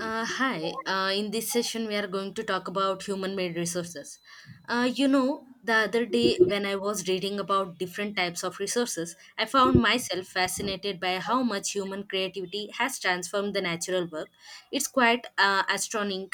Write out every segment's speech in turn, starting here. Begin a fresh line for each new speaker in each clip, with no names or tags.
In this session, we are going to talk about human made resources. The other day when I was reading about different types of resources, I found myself fascinated by how much human creativity has transformed the natural world. It's quite astonishing.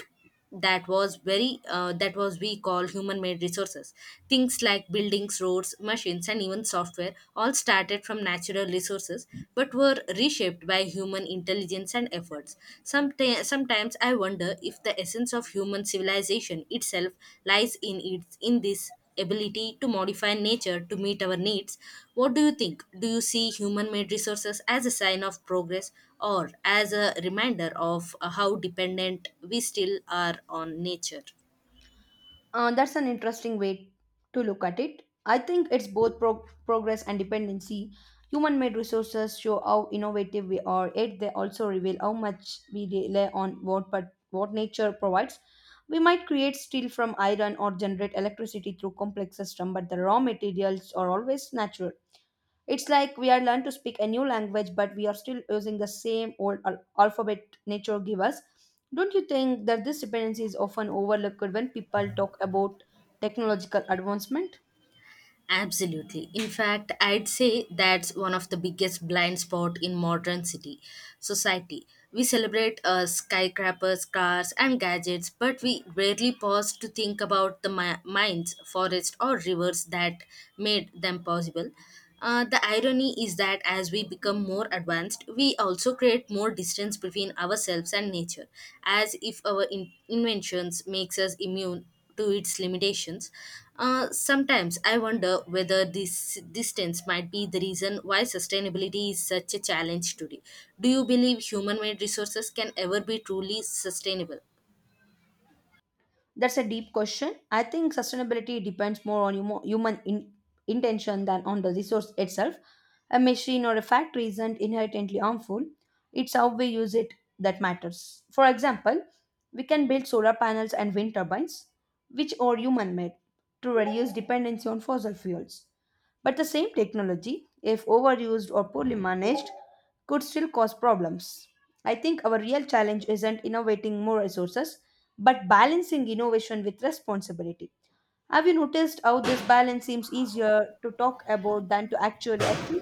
That was we call human made resources, things like buildings, roads, machines, and even software, all started from natural resources but were reshaped by human intelligence and efforts. Sometimes I wonder if the essence of human civilization itself lies in its in this ability to modify nature to meet our needs. What do you think? Do you see human made resources as a sign of progress or as a reminder of how dependent we still are on nature?
That's an interesting way to look at it. I think it's both progress and dependency. Human made resources show how innovative we are, yet they also reveal how much we rely on what, but what nature provides. We might create steel from iron or generate electricity through complex system, but the raw materials are always natural. It's like we are learned to speak a new language, but we are still using the same old alphabet nature give us. Don't you think that this dependency is often overlooked when people talk about technological advancement?
Absolutely. In fact, I'd say that's one of the biggest blind spot in modern city society. We celebrate skyscrapers, cars, and gadgets, but we rarely pause to think about the mines, forests, or rivers that made them possible. The irony is that as we become more advanced, we also create more distance between ourselves and nature, as if our inventions makes us immune to its limitations. Sometimes I wonder whether this distance might be the reason why sustainability is such a challenge today. Do you believe human made resources can ever be truly sustainable?
That's a deep question. I think sustainability depends more on human intention than on the resource itself. A machine or a factory isn't inherently harmful, it's how we use it that matters. For example, we can build solar panels and wind turbines, which are human made, to reduce dependency on fossil fuels. But the same technology, if overused or poorly managed, could still cause problems. I think our real challenge isn't innovating more resources, but balancing innovation with responsibility. Have you noticed how this balance seems easier to talk about than to actually achieve?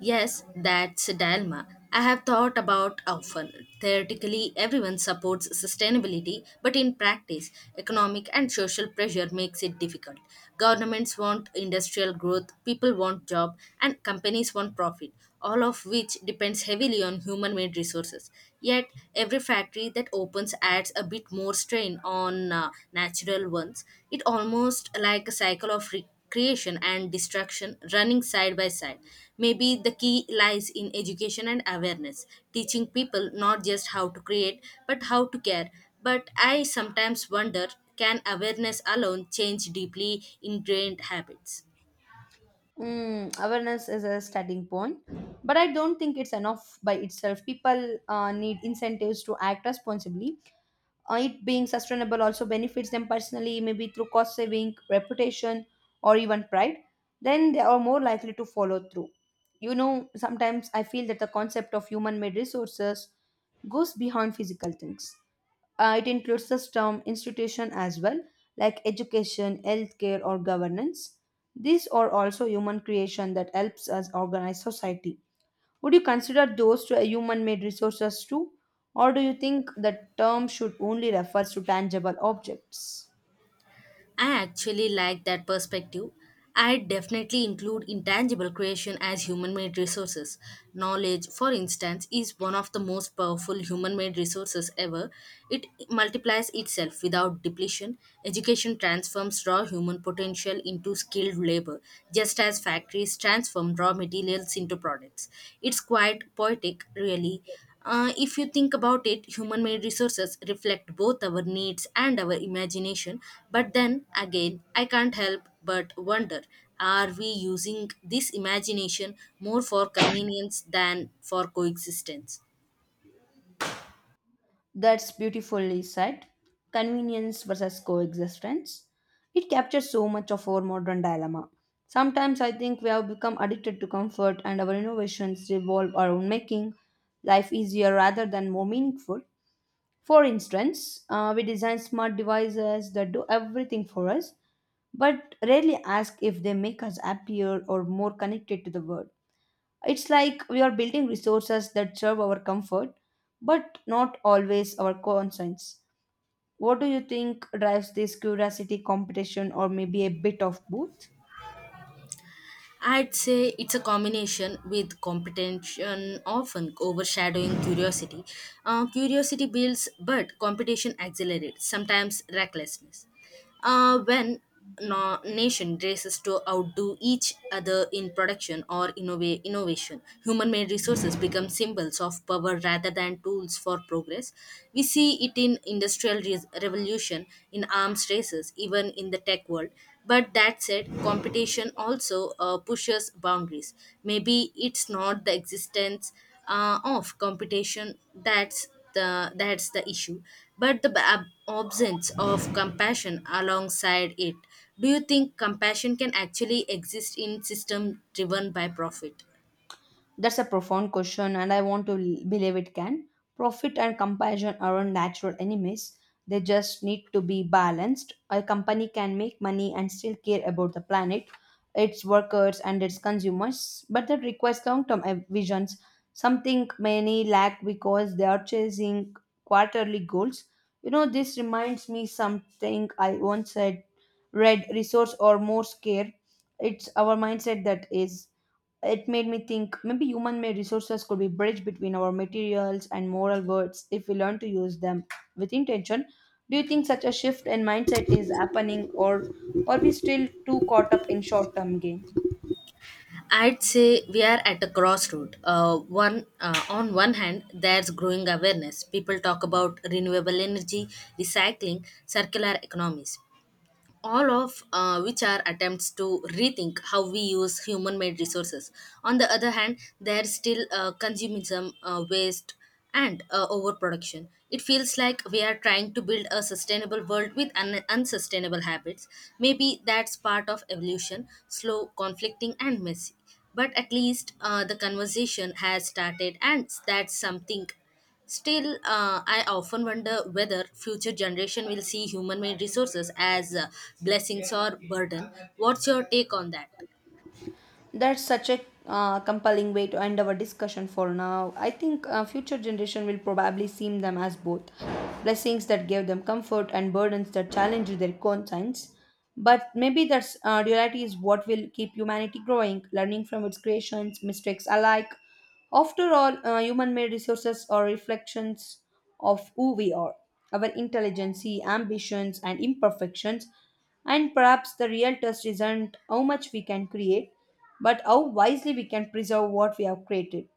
Yes, that's a dilemma. I have thought about often. Theoretically, everyone supports sustainability, but in practice, economic and social pressure makes it difficult. Governments want industrial growth, people want job, and companies want profit, all of which depends heavily on human-made resources. Yet, every factory that opens adds a bit more strain on natural ones. It almost like a cycle of creation and destruction running side by side. Maybe the key lies in education and awareness, teaching people not just how to create, but how to care. But I sometimes wonder, can awareness alone change deeply ingrained habits?
Mm, awareness is a starting point, but I don't think it's enough by itself. People need incentives to act responsibly. It being sustainable also benefits them personally, maybe through cost saving, reputation, or even pride. Then they are more likely to follow through. You know, sometimes I feel that the concept of human made resources goes beyond physical things. It includes system, institution as well, like education, healthcare, or governance. These are also human creation that helps us organize society. Would you consider those to a human-made resources too, or do you think the term should only refers to tangible objects?
I actually like that perspective. I definitely include intangible creation as human made resources. Knowledge, for instance, is one of the most powerful human made resources ever. It multiplies itself without depletion. Education transforms raw human potential into skilled labor, just as factories transform raw materials into products. It's quite poetic, really. If you think about it, human made resources reflect both our needs and our imagination. But then again, I can't help but wonder, are we using this imagination more for convenience than for coexistence?
That's beautifully said. Convenience versus coexistence. It captures so much of our modern dilemma. Sometimes I think we have become addicted to comfort and our innovations revolve around making life easier rather than more meaningful. For instance, we design smart devices that do everything for us, but rarely ask if they make us happier or more connected to the world. It's like we are building resources that serve our comfort, but not always our conscience. What do you think drives this curiosity, competition, or maybe a bit of both?
I'd say it's a combination with competition often overshadowing curiosity. Curiosity builds, but competition accelerates, sometimes recklessness. When nation races to outdo each other in production or innovation, human-made resources become symbols of power rather than tools for progress. We see it in industry Industrial Revolution, in arms races, even in the tech world. But that said, competition also pushes boundaries. Maybe it's not the existence of competition that's the issue, but the absence of compassion alongside it. Do you think compassion can actually exist in system driven by profit?
That's a profound question, and I want to believe it can. Profit and compassion aren't natural enemies, they just need to be balanced. A company can make money and still care about the planet, its workers, and its consumers, but that requires long term visions, something many lack because they are chasing quarterly goals. You know, this reminds me something I once said read resource or more care. It's our mindset that is it made me think maybe human made resources could be bridge between our materials and moral words if we learn to use them with intention. Do you think such a shift in mindset is happening or are we still too caught up in short term gain?
I'd say we are at a crossroad. One on one hand, there's growing awareness. People talk about renewable energy, recycling, circular economies, all of which are attempts to rethink how we use human made resources. On the other hand, there's still consumerism, waste, and overproduction. It feels like we are trying to build a sustainable world with unsustainable habits. Maybe that's part of evolution, slow, conflicting, and messy. But at least the conversation has started, and that's something. Still, I often wonder whether future generation will see human-made resources as blessings or burden. What's your take on that?
That's such a compelling way to end our discussion for now. I think future generation will probably see them as both blessings that give them comfort and burdens that challenge their conscience. But maybe that's duality is what will keep humanity growing, learning from its creations, mistakes alike, after all, human made resources are reflections of who we are, our intelligence, ambitions, and imperfections. And perhaps the real test isn't how much we can create, but how wisely we can preserve what we have created.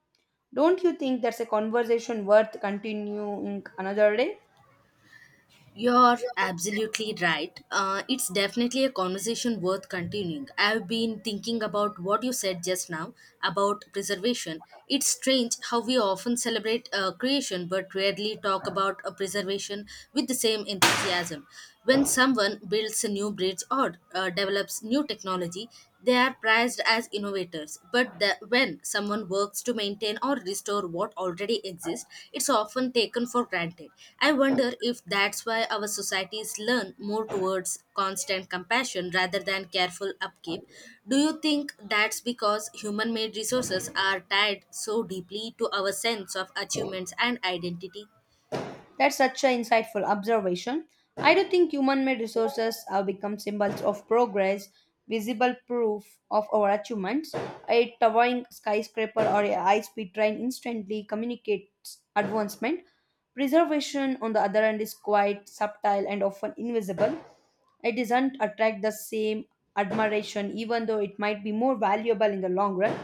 Don't you think that's a conversation worth continuing another day?
You're absolutely right. It's definitely a conversation worth continuing. I've been thinking about what you said just now about preservation. It's strange how we often celebrate creation but rarely talk about a preservation with the same enthusiasm. When someone builds a new bridge or develops new technology, they are prized as innovators, but when someone works to maintain or restore what already exists, it's often taken for granted. I wonder if that's why our societies learn more towards constant compassion rather than careful upkeep. Do you think that's because human made resources are tied so deeply to our sense of achievements and identity?
That's such an insightful observation. I do think human made resources have become symbols of progress, visible proof of our achievements. A towering skyscraper or a high speed train instantly communicates advancement. Preservation, on the other hand, is quite subtle and often invisible. It doesn't attract the same admiration, even though it might be more valuable in the long run.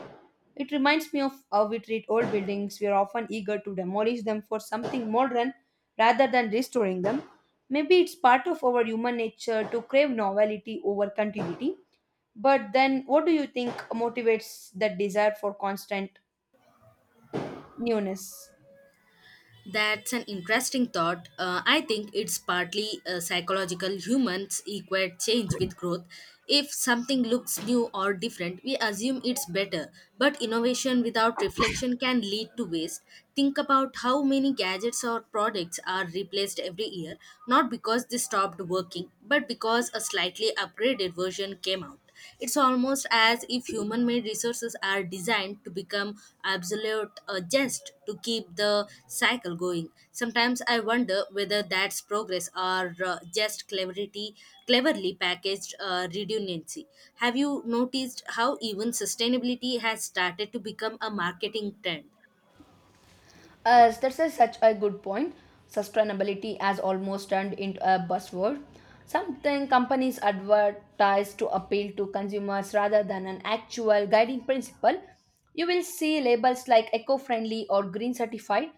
It reminds me of how we treat old buildings. We are often eager to demolish them for something modern rather than restoring them. Maybe it's part of our human nature to crave novelty over continuity. But then, what do you think motivates that desire for constant newness?
That's an interesting thought. I think it's partly psychological. Humans equate change with growth. If something looks new or different, we assume it's better. But innovation without reflection can lead to waste. Think about how many gadgets or products are replaced every year, not because they stopped working, but because a slightly upgraded version came out. It's almost as if human made resources are designed to become absolute just to keep the cycle going. Sometimes I wonder whether that's progress or just cleverity, cleverly packaged redundancy. Have you noticed how even sustainability has started to become a marketing trend?
As that's a, such a good point. Sustainability has almost turned into a buzzword. Something companies advertise to appeal to consumers rather than an actual guiding principle. You will see labels like eco friendly or green certified,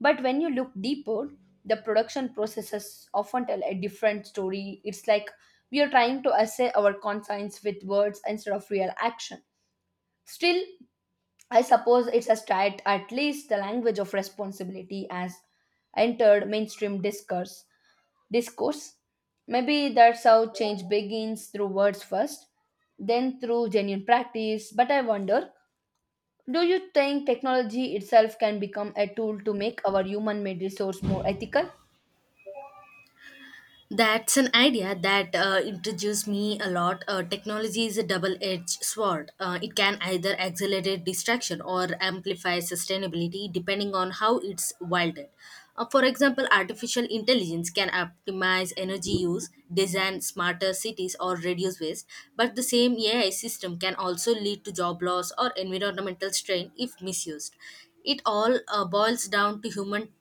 but when you look deeper, the production processes often tell a different story. It's like we are trying to assay our conscience with words instead of real action. Still, I suppose it's a start, at least the language of responsibility has entered mainstream discourse. Maybe that's how change begins through words first, then through genuine practice. But I wonder, do you think technology itself can become a tool to make our human made resource more ethical?
That's an idea that introduced me a lot. Technology is a double edged sword. It can either accelerate distraction or amplify sustainability depending on how it's wielded. For example, artificial intelligence can optimize energy use, design smarter cities, or reduce waste, but the same AI system can also lead to job loss or environmental strain if misused. It all boils down to human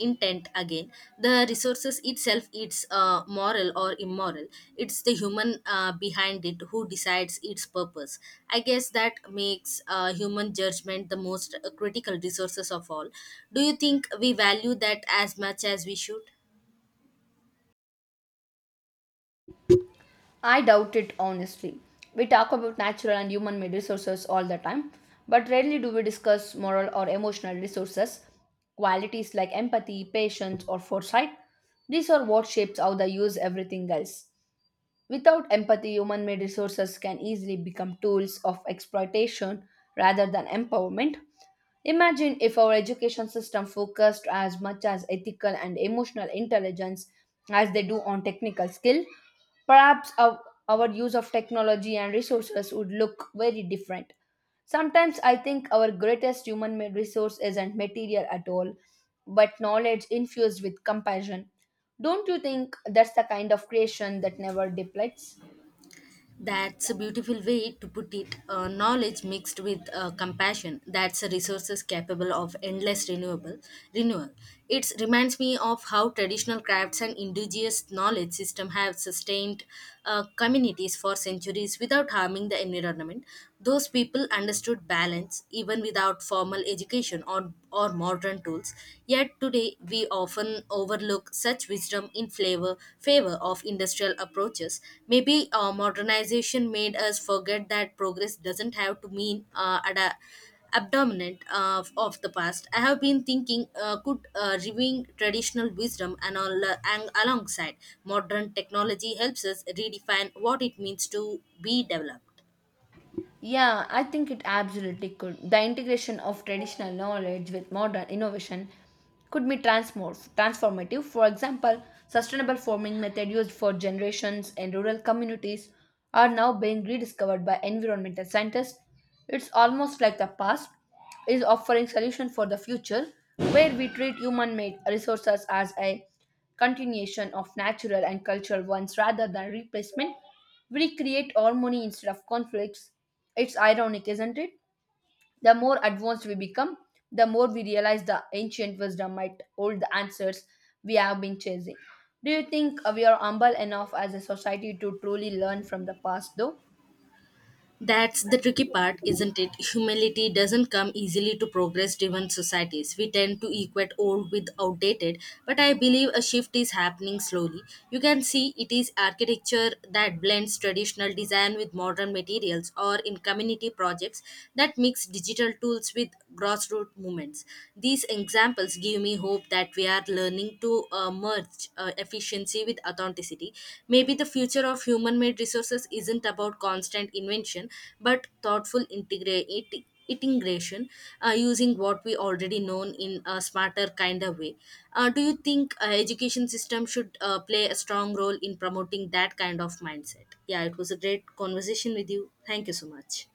intent again. The resources itself, it's moral or immoral, it's the human behind it who decides its purpose. I guess that makes human judgment the most critical resources of all. Do you think we value that as much as we should?
I doubt it honestly. We talk about natural and human made resources all the time, but rarely do we discuss moral or emotional resources, qualities like empathy, patience, or foresight. These are what shapes how they use everything else. Without empathy, human made resources can easily become tools of exploitation rather than empowerment. Imagine if our education system focused as much as ethical and emotional intelligence as they do on technical skill. Perhaps our, our use of technology and resources would look very different. Sometimes I think our greatest human made resource isn't material at all, but knowledge infused with compassion. Don't you think that's the kind of creation that never depletes?
That's a beautiful way to put it. Knowledge mixed with compassion. That's a resources capable of endless renewable renewal. It reminds me of how traditional crafts and indigenous knowledge system have sustained communities for centuries without harming the environment. Those people understood balance even without formal education or modern tools. Yet today we often overlook such wisdom in favor of industrial approaches. Maybe modernization made us forget that progress doesn't have to mean abdominant of the past. I have been thinking, could reviewing traditional wisdom and alongside modern technology helps us redefine what it means to be developed.
Yeah, I think it absolutely could. The integration of traditional knowledge with modern innovation could be transformative. For example, sustainable farming method used for generations in rural communities are now being rediscovered by environmental scientists. It's almost like the past is offering solution for the future where we treat human-made resources as a continuation of natural and cultural ones rather than replacement. We create harmony instead of conflicts. It's ironic, isn't it? The more advanced we become, the more we realize the ancient wisdom might hold the answers we have been chasing. Do you think we are humble enough as a society to truly learn from the past, though?
That's the tricky part, isn't it? Humility doesn't come easily to progress driven societies. We tend to equate old with outdated, but I believe a shift is happening slowly. You can see it is architecture that blends traditional design with modern materials, or in community projects that mix digital tools with grassroots movements. These examples give me hope that we are learning aim to merge efficiency with authenticity. Maybe the future of human made resources isn't about constant invention but thoughtful integra- it integration, using what we already know in a smarter kind of way. Do you think education system should play a strong role in promoting that kind of mindset? Yeah, it was a great conversation with you. Thank you so much.